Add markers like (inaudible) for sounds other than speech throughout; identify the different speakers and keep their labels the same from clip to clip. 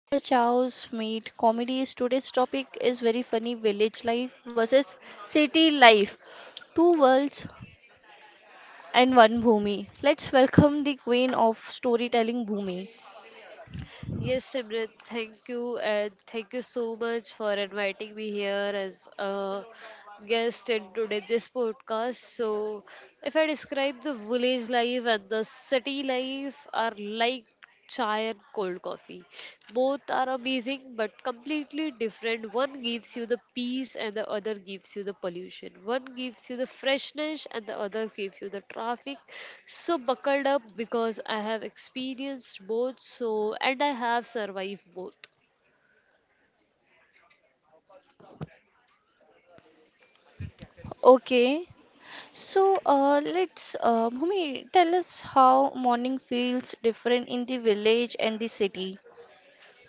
Speaker 1: where chows meet comedies. Today's topic is very funny village life versus city life. Two worlds and one Bhumi. Let's welcome the queen of storytelling Bhumi.
Speaker 2: Yes, Simran, thank you, and thank you so much for inviting me here as a guest in today this podcast. So, if I describe the village life and the city life are like chai and cold coffee. Both are amazing but completely different. One gives you the peace and the other gives you the pollution. One gives you the freshness and the other gives you the traffic. So buckled up because I have experienced both so and I have survived both.
Speaker 1: Okay. So let's Bhumi tell us how morning feels different in the village and the city.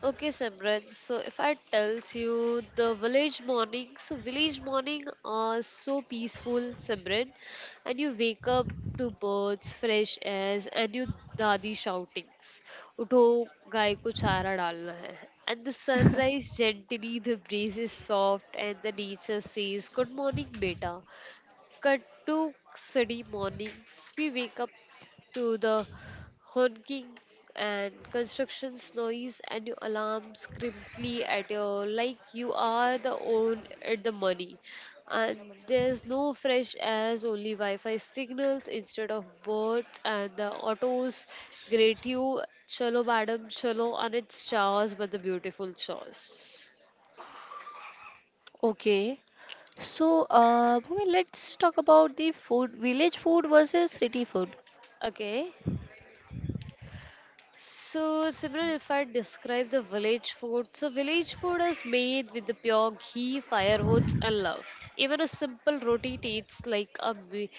Speaker 2: Okay, Simran. So if I tells you the village morning, so village morning are so peaceful, Simran, and you wake up to birds, fresh airs, and you dadi shoutings. Utho, गाय को चारा डालना है. And the sunrise gently, the breeze is soft, and the nature says, "Good morning, beta." Cut to Sunday mornings. We wake up to the honking and constructions noise and your alarms crimply at your like you are the own at the money, and there's no fresh airs, only wi-fi signals instead of birds, and the autos greet you, chalo madam chalo, and it's chaos, but the beautiful chaos.
Speaker 1: Okay. So, Bhumi, let's talk about the food, village food versus city food.
Speaker 2: Okay. So, Simran, if I describe the village food, so village food is made with the pure ghee, firewoods, and love. Even a simple roti tastes like a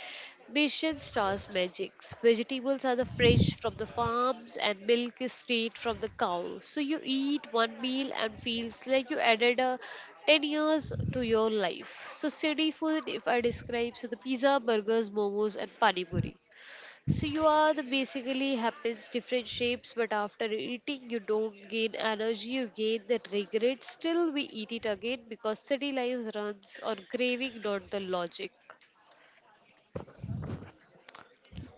Speaker 2: mission star's magics. Vegetables are the fresh from the farms, and milk is straight from the cow. So you eat one meal and feels like you added a 10 years to your life. So city food, if I describe, so the pizza, burgers, momos, and pani puri. So you are the basically happens different shapes, but after eating you don't gain energy, you gain that regret. Still we eat it again because city life runs on craving, not the logic.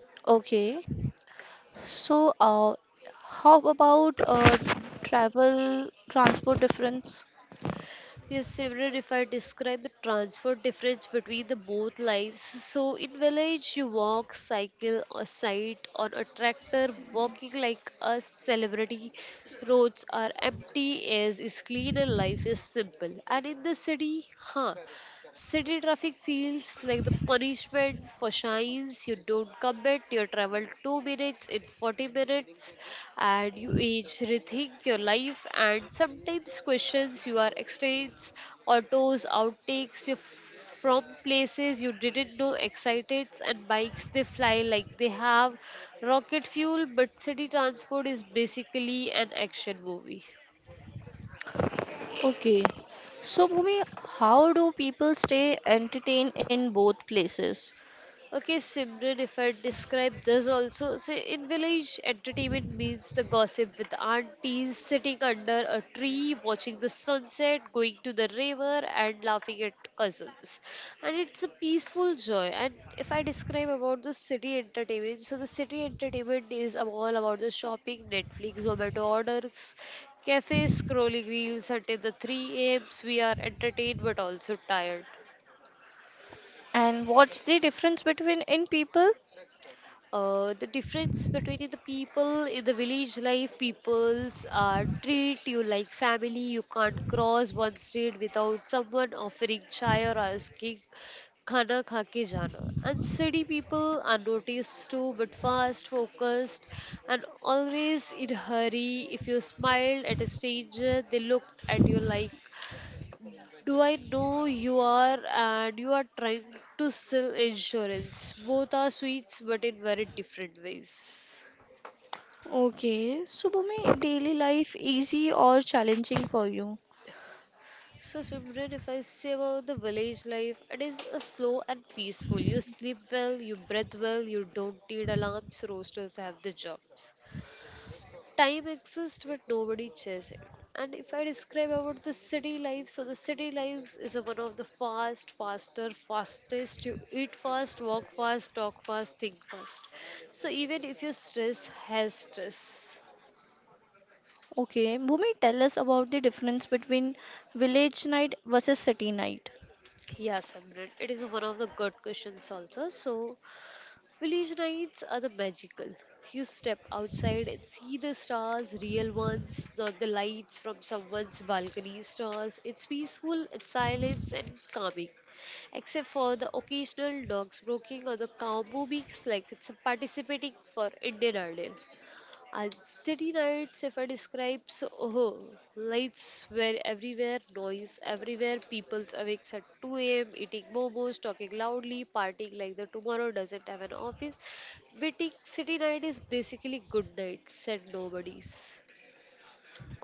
Speaker 1: Okay. So, how about travel, transport difference?
Speaker 2: Yes, Simran, if I describe the transfer difference between the both lives. So in village you walk, cycle, or sight on a tractor, walking like a celebrity. Roads are empty, air is clean, and life is simple. And in the city, huh? City traffic feels like the punishment for shines. You don't commit, you travel 2 minutes in 40 minutes, and you age rethink your life and sometimes questions your extents, autos, outtakes, you from places you didn't know exciteds, and bikes they fly like they have rocket fuel, but city transport is basically an action movie.
Speaker 1: Okay. So, Bhumi, how do people stay entertained in both places?
Speaker 2: Okay, Simran, if I describe this also, so in village, entertainment means the gossip with aunties sitting under a tree, watching the sunset, going to the river, and laughing at cousins. And it's a peaceful joy. And if I describe about the city entertainment, so the city entertainment is all about the shopping, Netflix, Zomato orders, cafes, scrolling reels until the 3 a.m. We are entertained but also tired.
Speaker 1: And what's the difference between in people?
Speaker 2: The difference between the people in the village life, peoples are treat you like family, you can't cross one street without someone offering chai or asking khana kha ke jana, and city people are noticed too but fast focused, and always in hurry. If you smiled at a stranger they looked at you like, do I know you are, and you are trying to sell insurance? Both are sweets but in very different ways.
Speaker 1: Okay. So, Bhumi, daily life easy or challenging for you?
Speaker 2: So, Simran, if I say about the village life, it is a slow and peaceful. You sleep well, you breathe well, you don't need alarms, roasters have the jobs. Time exists but nobody chase it. And if I describe about the city life, so the city life is a one of the fast faster fastest, you eat fast, walk fast, talk fast, think fast, so even if your stress has stress.
Speaker 1: Okay, Bhumi, tell us about the difference between village night versus city night.
Speaker 2: Yes, Amrit, it is one of the good questions also. So village nights are the magical. You step outside and see the stars, real ones, not the lights from someone's balcony stars. It's peaceful, it's silence and calming, except for the occasional dogs barking or the cow mooing like it's a participating for Indian Idol. City nights, if I describe, so oh, lights were everywhere, noise everywhere, peoples awake at 2 a.m., eating momos, talking loudly, partying like the tomorrow doesn't have an office. Waiting city night is basically good night, said nobodies.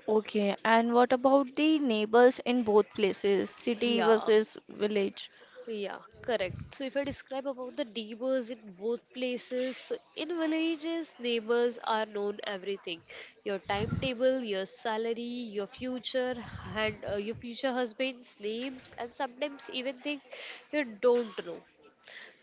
Speaker 1: Okay, and what about the neighbors in both places, city
Speaker 2: Yeah.
Speaker 1: versus village?
Speaker 2: Yeah, correct. So if I describe about the neighbors in both places, so in villages, neighbors are known everything. Your timetable, your salary, your future, and your future husband's names, and sometimes even things you don't know.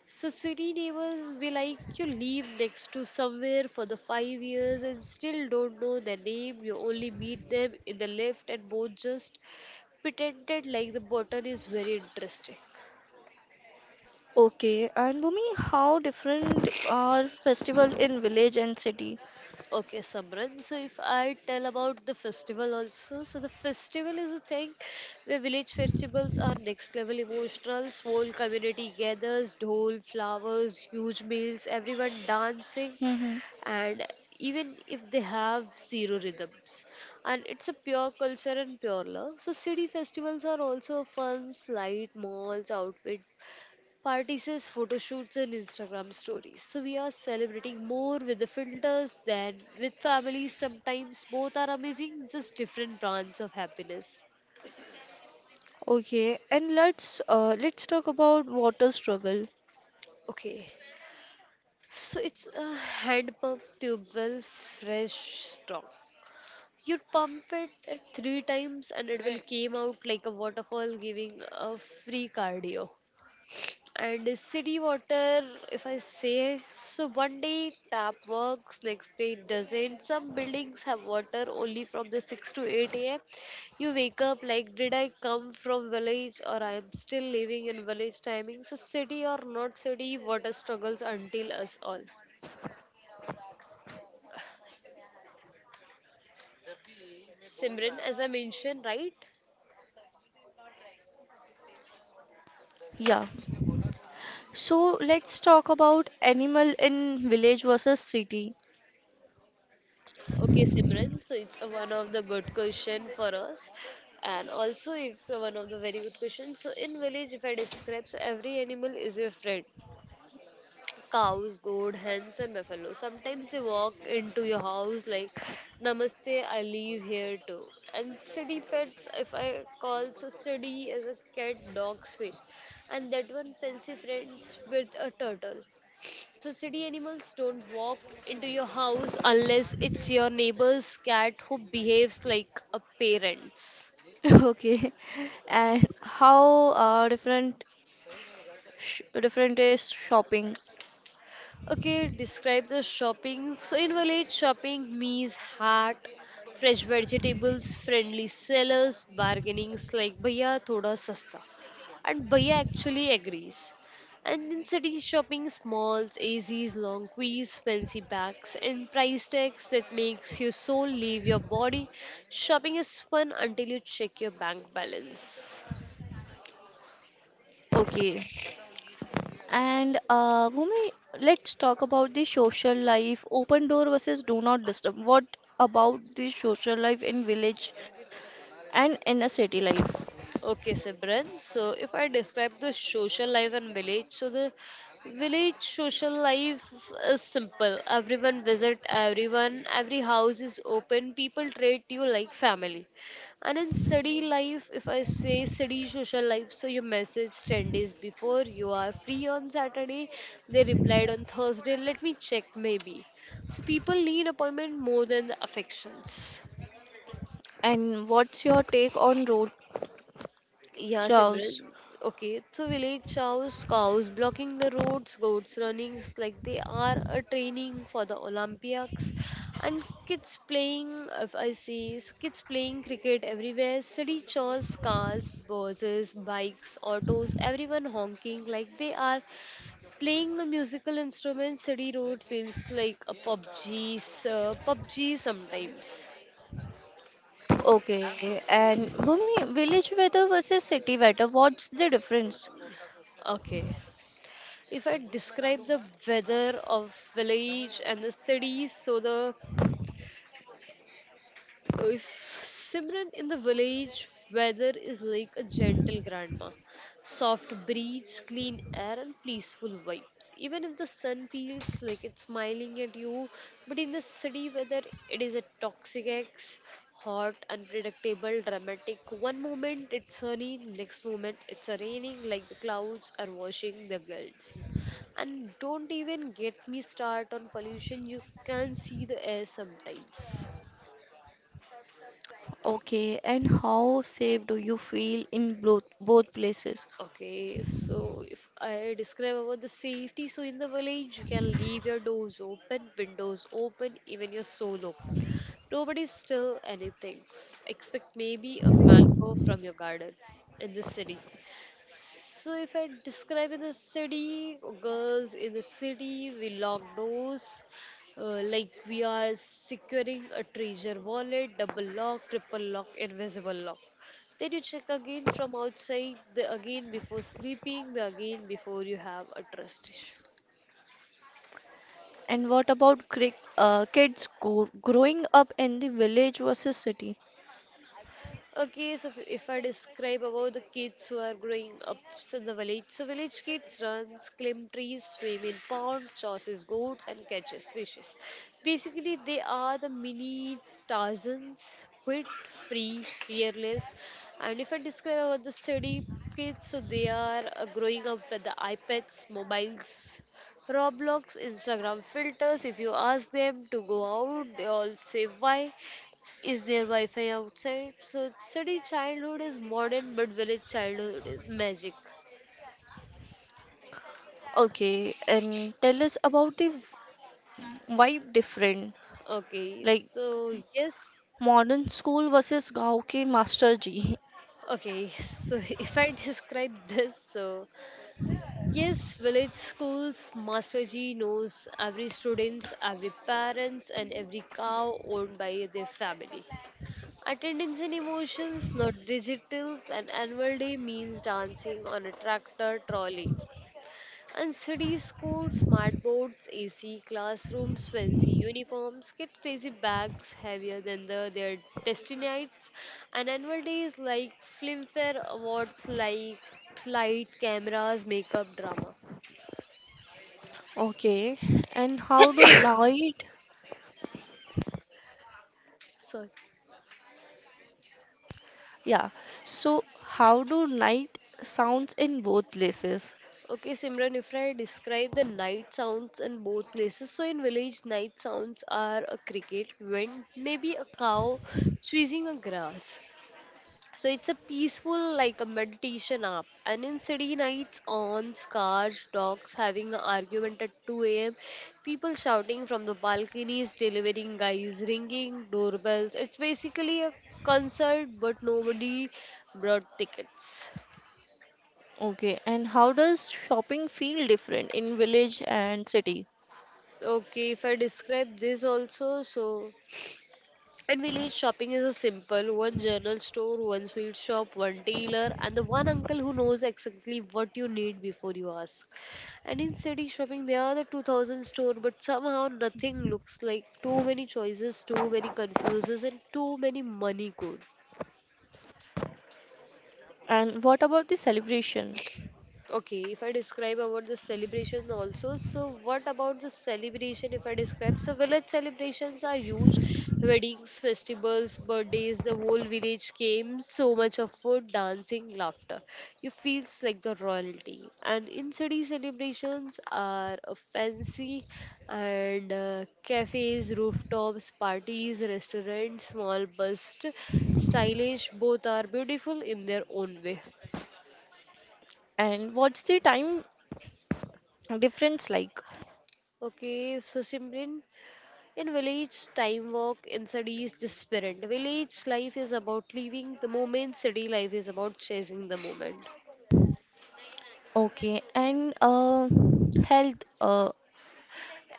Speaker 2: So city neighbors be like you live next to somewhere for the 5 years and still don't know their name. You only meet them in the lift and both just pretended like the button is very interesting.
Speaker 1: Okay, and Bhumi, how different are festival in village and city?
Speaker 2: Okay, Samran. So if I tell about the festival also, so the festival is a thing where village festivals are next level emotional. Whole community gathers, dhol, flowers, huge meals, everyone dancing,
Speaker 1: Mm-hmm.
Speaker 2: and even if they have zero rhythms, and it's a pure culture and pure love. So city festivals are also fun, light malls, outfit parties, photo shoots, and Instagram stories. So we are celebrating more with the filters than with families. Sometimes both are amazing, just different brands of happiness.
Speaker 1: Okay, and let's talk about water struggle.
Speaker 2: Okay, so it's a hand pump tube well, fresh straw. You pump it at three times and it will came out like a waterfall giving a free cardio. And city water, if I say, so one day tap works, next day it doesn't. Some buildings have water only from the 6 to 8 a.m. You wake up like, did I come from village or I am still living in village timing? So city or not city, water struggles until us all. Simran, as I mentioned, right?
Speaker 1: Yeah. So let's talk about animal in village versus city.
Speaker 2: Okay, Simran, so it's a one of the good question for us, and also it's a one of the very good questions. So in village, if I describe, so every animal is your friend. Cows, goat, hens, and buffalo. Sometimes they walk into your house like, "Namaste, I live here too." And city pets, if I call, so city is a cat, dog, fish, and that one fancy friends with a turtle. So, city animals don't walk into your house unless it's your neighbor's cat who behaves like a parent.
Speaker 1: (laughs) Okay. And how different Sh different is shopping.
Speaker 2: Okay, describe the shopping. So in village, shopping means heart, fresh vegetables, friendly sellers, bargainings like "Bhaiya, thoda sasta," and Bhaiya actually agrees. And in city, shopping smalls, A zs long queues, fancy bags, and price tags that makes your soul leave your body. Shopping is fun until you check your bank balance.
Speaker 1: Okay. And Bhumi, let's talk about the social life. Open door versus do not disturb. What about the social life in village and in a city life?
Speaker 2: Okay, Simran. So, if I describe the social life in village, so the village social life is simple. Everyone visit everyone. Every house is open. People treat you like family. And in city life, if I say city social life, so you message 10 days before. You are free on Saturday. They replied on Thursday. Let me check, maybe. So people need appointment more than the affections.
Speaker 1: And what's your take on road
Speaker 2: Yeah,
Speaker 1: chows?
Speaker 2: Simran. Okay, so village chows, cows blocking the roads, goats running, it's like they are a training for the Olympics, and kids playing. If I see, so kids playing cricket everywhere. City chores, cars, buses, bikes, autos, everyone honking like they are playing a musical instrument. City road feels like a PUBG, PUBG sometimes.
Speaker 1: Okay. And Bhumi, village weather versus city weather. What's the difference?
Speaker 2: Okay. If I describe the weather of village and the cities, so the if Simran in the village, weather is like a gentle grandma, soft breeze, clean air, and peaceful vibes. Even if the sun feels like it's smiling at you, but in the city weather, it is a toxic X, hot, unpredictable, dramatic. One moment it's sunny, next moment it's a raining, like the clouds are washing the world. And don't even get me start on pollution. You can see the air sometimes.
Speaker 1: Okay. And how safe do you feel in both places?
Speaker 2: Okay, so if I describe about the safety, so in the village you can leave your doors open, windows open, even your soul open. Nobody steal anything. Expect maybe a mango from your garden in the city. So, if I describe in the city, girls in the city, we lock doors like we are securing a treasure wallet, double lock, triple lock, invisible lock. Then you check again from outside, the again before sleeping, the again before you have a trust issue.
Speaker 1: And what about kids growing up in the village versus city?
Speaker 2: Okay, so if I describe about the kids who are growing up so in the village, so village kids runs, climb trees, swim in ponds, chases goats, and catches fishes. Basically, they are the mini Tarzans, quit, free, fearless. And if I describe about the city kids, so they are growing up with the iPads, mobiles, Roblox, Instagram filters. If you ask them to go out, they all say why. Is there Wi Fi outside? So, city childhood is modern, but village childhood is magic.
Speaker 1: Okay, and tell us about the vibe different,
Speaker 2: Okay,
Speaker 1: like
Speaker 2: so yes.
Speaker 1: modern school versus गाँव के master ji.
Speaker 2: Okay, so (laughs) if I describe this, so yes, village schools, Master G knows every students, every parents, and every cow owned by their family. Attendance and emotions, not digital, and annual day means dancing on a tractor trolley. And city schools, smart boards, AC classrooms, fancy uniforms, get crazy bags heavier than their destinies. And annual days like Filmfare Awards, like light, cameras, makeup, drama.
Speaker 1: Okay, and how do night?
Speaker 2: So,
Speaker 1: Yeah, so how do night sounds in both places?
Speaker 2: okay, Simran, if I describe the night sounds in both places, so in village, night sounds are a cricket, wind, maybe a cow chasing a grass. So it's a peaceful like a meditation app. And in city nights on cars, dogs having an argument at 2 a.m., people shouting from the balconies, delivering guys ringing, doorbells. It's basically a concert, but nobody brought tickets.
Speaker 1: Okay, and how does shopping feel different in village and city?
Speaker 2: Okay, if I describe this also, so and village shopping is a simple one general store, one sweet shop, one tailor, and the one uncle who knows exactly what you need before you ask. And in city shopping, there are the 2000 store, but somehow nothing looks like too many choices, too many confuses, and too many money codes.
Speaker 1: And what about the celebration?
Speaker 2: Okay, if I describe about the celebration also, so what about the celebration if I describe? So village celebrations are huge. Weddings, festivals, birthdays, the whole village came. So much of food, dancing, laughter. You feels like the royalty. And in city celebrations are a fancy and cafes, rooftops, parties, restaurants, small bust, stylish. Both are beautiful in their own way.
Speaker 1: And what's the time difference like.
Speaker 2: Okay, so Simran, in village, time walk. In cities, the sprint. Village life is about leaving the moment. City life is about chasing the moment.
Speaker 1: Okay, and health.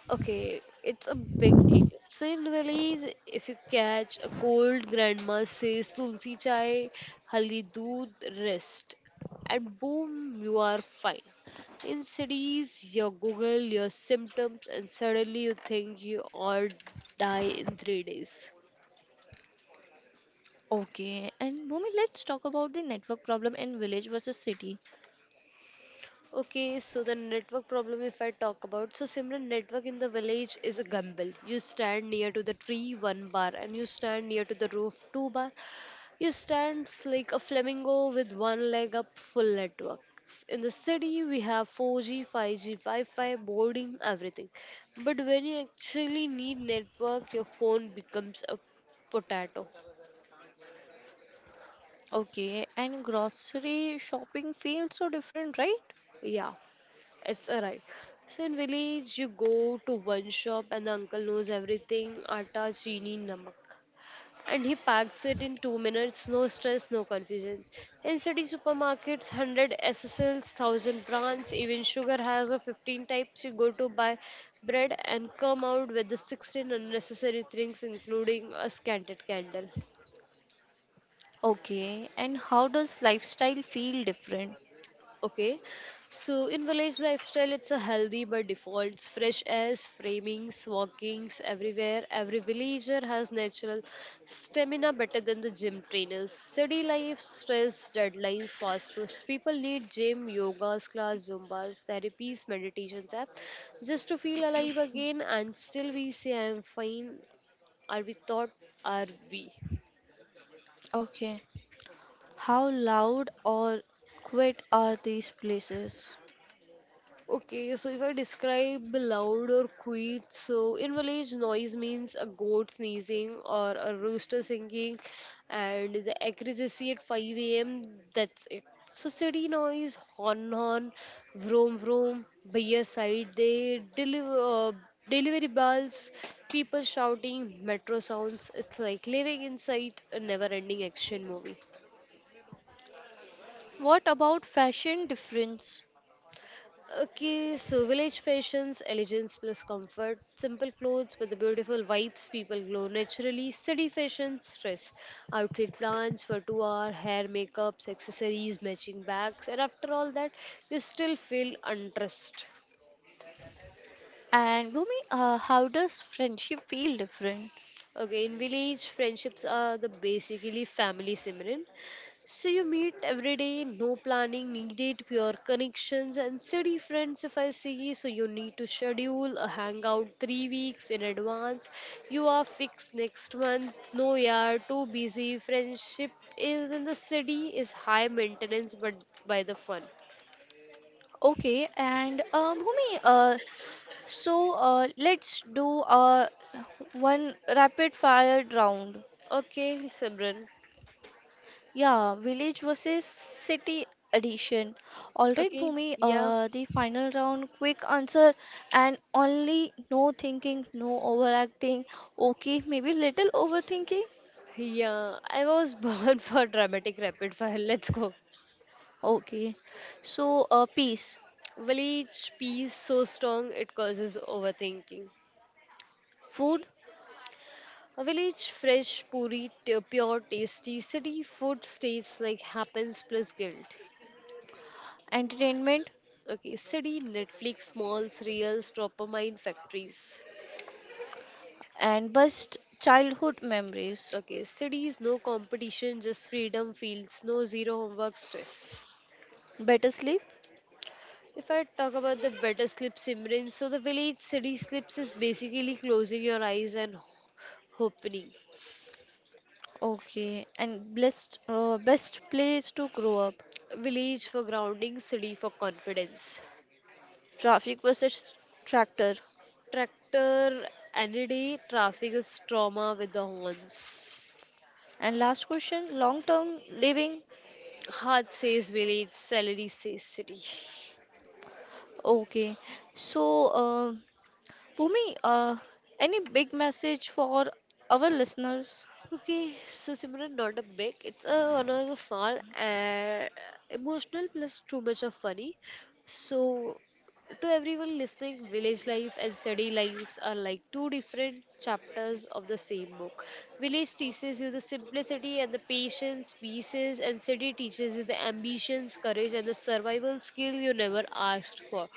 Speaker 2: Okay, it's a big deal. So in village, if you catch a cold, grandma says tulsi chai, haldi doodh, rest, and boom, you are fine. In cities, you Google your symptoms, and suddenly you think you all die in 3 days.
Speaker 1: Okay, and Bhumi, let's talk about the network problem in village versus city.
Speaker 2: Okay, so the network problem, if I talk about, so Simran, network in the village is a gamble. You stand near to the tree, one bar, and you stand near to the roof, two bar. You stand like a flamingo with one leg up, full networks. In the city, we have 4G, 5G, Wi-Fi, boarding, everything. But when you actually need network, your phone becomes a potato.
Speaker 1: Okay, and grocery shopping feels so different, right?
Speaker 2: Yeah. It's alright. So in village, you go to one shop and the uncle knows everything, atta, chini, namak. And he packs it in 2 minutes, no stress, no confusion. In city supermarkets, 100 SSLs, 1000 brands, even sugar has a 15 types. You go to buy bread and come out with the 16 unnecessary things, including a scented candle.
Speaker 1: Okay, and how does lifestyle feel different?
Speaker 2: Okay, so in village lifestyle, it's a healthy by default. Fresh airs, framings, walkings everywhere. Every villager has natural stamina better than the gym trainers. City life, stress, deadlines, fast foods. People need gym, yogas, class, zumbas, therapies, meditations app just to feel alive again. And still, we say, I'm fine. Are we thought? Are we?
Speaker 1: Okay, how loud or quiet are these places?
Speaker 2: Okay, so if I describe the loud or quiet, so in village noise means a goat sneezing or a rooster singing, and the accuracy at 5 a.m. That's it. So city noise, horn horn, vroom vroom, by your side they deliver delivery bells, people shouting, metro sounds. It's like living inside a never-ending action movie.
Speaker 1: What about fashion difference?
Speaker 2: Okay, so village fashions, elegance plus comfort, simple clothes with the beautiful vibes people glow naturally, city fashions, stress, outfit plans for 2 hour, hair, makeups, accessories, matching bags, and after all that, you still feel undressed.
Speaker 1: And Bhumi, how does friendship feel different?
Speaker 2: Okay, in village, friendships are the basically family, Simran. So you meet every day, no planning needed, pure connections and steady friends if I see. So you need to schedule a hangout 3 weeks in advance. You are fixed next month. No, yeah, too busy. Friendship is in the city is high maintenance but by the fun.
Speaker 1: Okay, and Bhumi, let's do one rapid fire round.
Speaker 2: Okay, Simran.
Speaker 1: Yeah, village versus city edition. All right,
Speaker 2: Okay,
Speaker 1: Bhumi,
Speaker 2: yeah.
Speaker 1: the final round, quick answer and only no thinking, no overacting. Okay, maybe little overthinking.
Speaker 2: Yeah, I was born (laughs) for dramatic rapid fire. Let's go.
Speaker 1: Okay, so peace,
Speaker 2: Village peas so strong it causes overthinking.
Speaker 1: food,
Speaker 2: A village fresh, puri, pure, tasty. City food states like happens plus guilt.
Speaker 1: entertainment,
Speaker 2: Okay, city Netflix, malls, reels, dopamine factories.
Speaker 1: and best childhood memories.
Speaker 2: Okay, cities no competition, just freedom fields, no zero homework stress.
Speaker 1: Better sleep.
Speaker 2: If I talk about the better sleep Simran, so the village city slips is basically closing your eyes and opening.
Speaker 1: Okay, and best place to grow up.
Speaker 2: Village for grounding, city for confidence.
Speaker 1: Traffic versus tractor.
Speaker 2: Tractor NED traffic is trauma with the horns.
Speaker 1: And last question, long term living.
Speaker 2: Heart says village, salary says city.
Speaker 1: Okay. So, Bhumi, any big message for our listeners?
Speaker 2: Okay, so Simran, not a big. It's a one of the small and emotional plus too much of funny. So, to everyone listening, village life and city lives are like two different chapters of the same book. Village teaches you the simplicity and the patience, pieces, and city teaches you the ambitions, courage, and the survival skill you never asked for.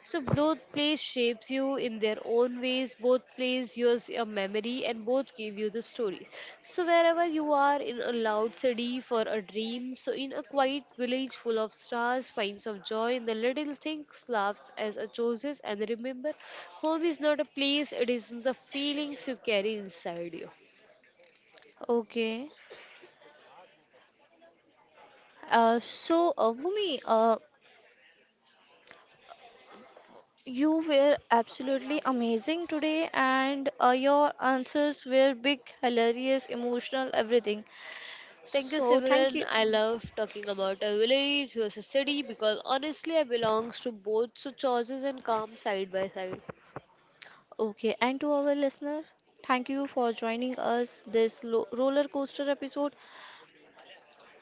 Speaker 2: So both plays shapes you in their own ways. Both plays yours your memory, and both give you the story. So wherever you are, in a loud city for a dream, so in a quiet village full of stars, finds of joy in the little things, laughs as a chooses, and remember, home is not a place; it is the feelings you carry inside you.
Speaker 1: Okay. So, Bhumi, you were absolutely amazing today, and your answers were big, hilarious, emotional, everything.
Speaker 2: Thank you,
Speaker 1: So, thank
Speaker 2: Simran.
Speaker 1: you.
Speaker 2: I love talking about a village versus city because honestly, I belongs to both, so choices and calm side by side.
Speaker 1: Okay, and to our listener, thank you for joining us this roller coaster episode.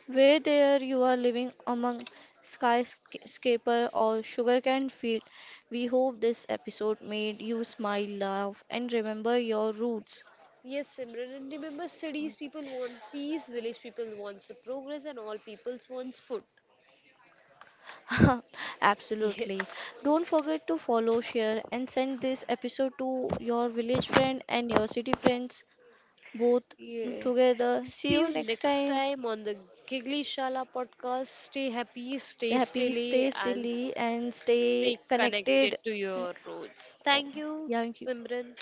Speaker 1: Where there you are living among skyscraper or sugarcane field, we hope this episode made you smile, laugh, and remember your roots.
Speaker 2: Yes, Simran, and remember cities people want peace, village people wants the progress, and all peoples wants food.
Speaker 1: (laughs) Absolutely.
Speaker 2: Yes.
Speaker 1: Don't forget to follow, share, and send this episode to your village friend and your city friends both
Speaker 2: Yeah.
Speaker 1: together. See
Speaker 2: See
Speaker 1: you
Speaker 2: you
Speaker 1: next
Speaker 2: next
Speaker 1: time.
Speaker 2: time on the Giggly Shala podcast. Stay happy,
Speaker 1: Stay
Speaker 2: stay
Speaker 1: happy, stay
Speaker 2: stilly, and
Speaker 1: silly, and stay
Speaker 2: stay connected
Speaker 1: connected.
Speaker 2: to your roots.
Speaker 1: Oh,
Speaker 2: Thank you,
Speaker 1: yeah, thank you.
Speaker 2: Simran.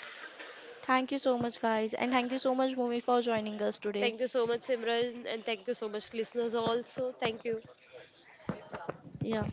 Speaker 1: Thank you so much, guys, and thank you so much, Bhumi, for joining us today.
Speaker 2: Thank you so much, Simran, and thank you so much, listeners, also. Thank you.
Speaker 1: Yeah.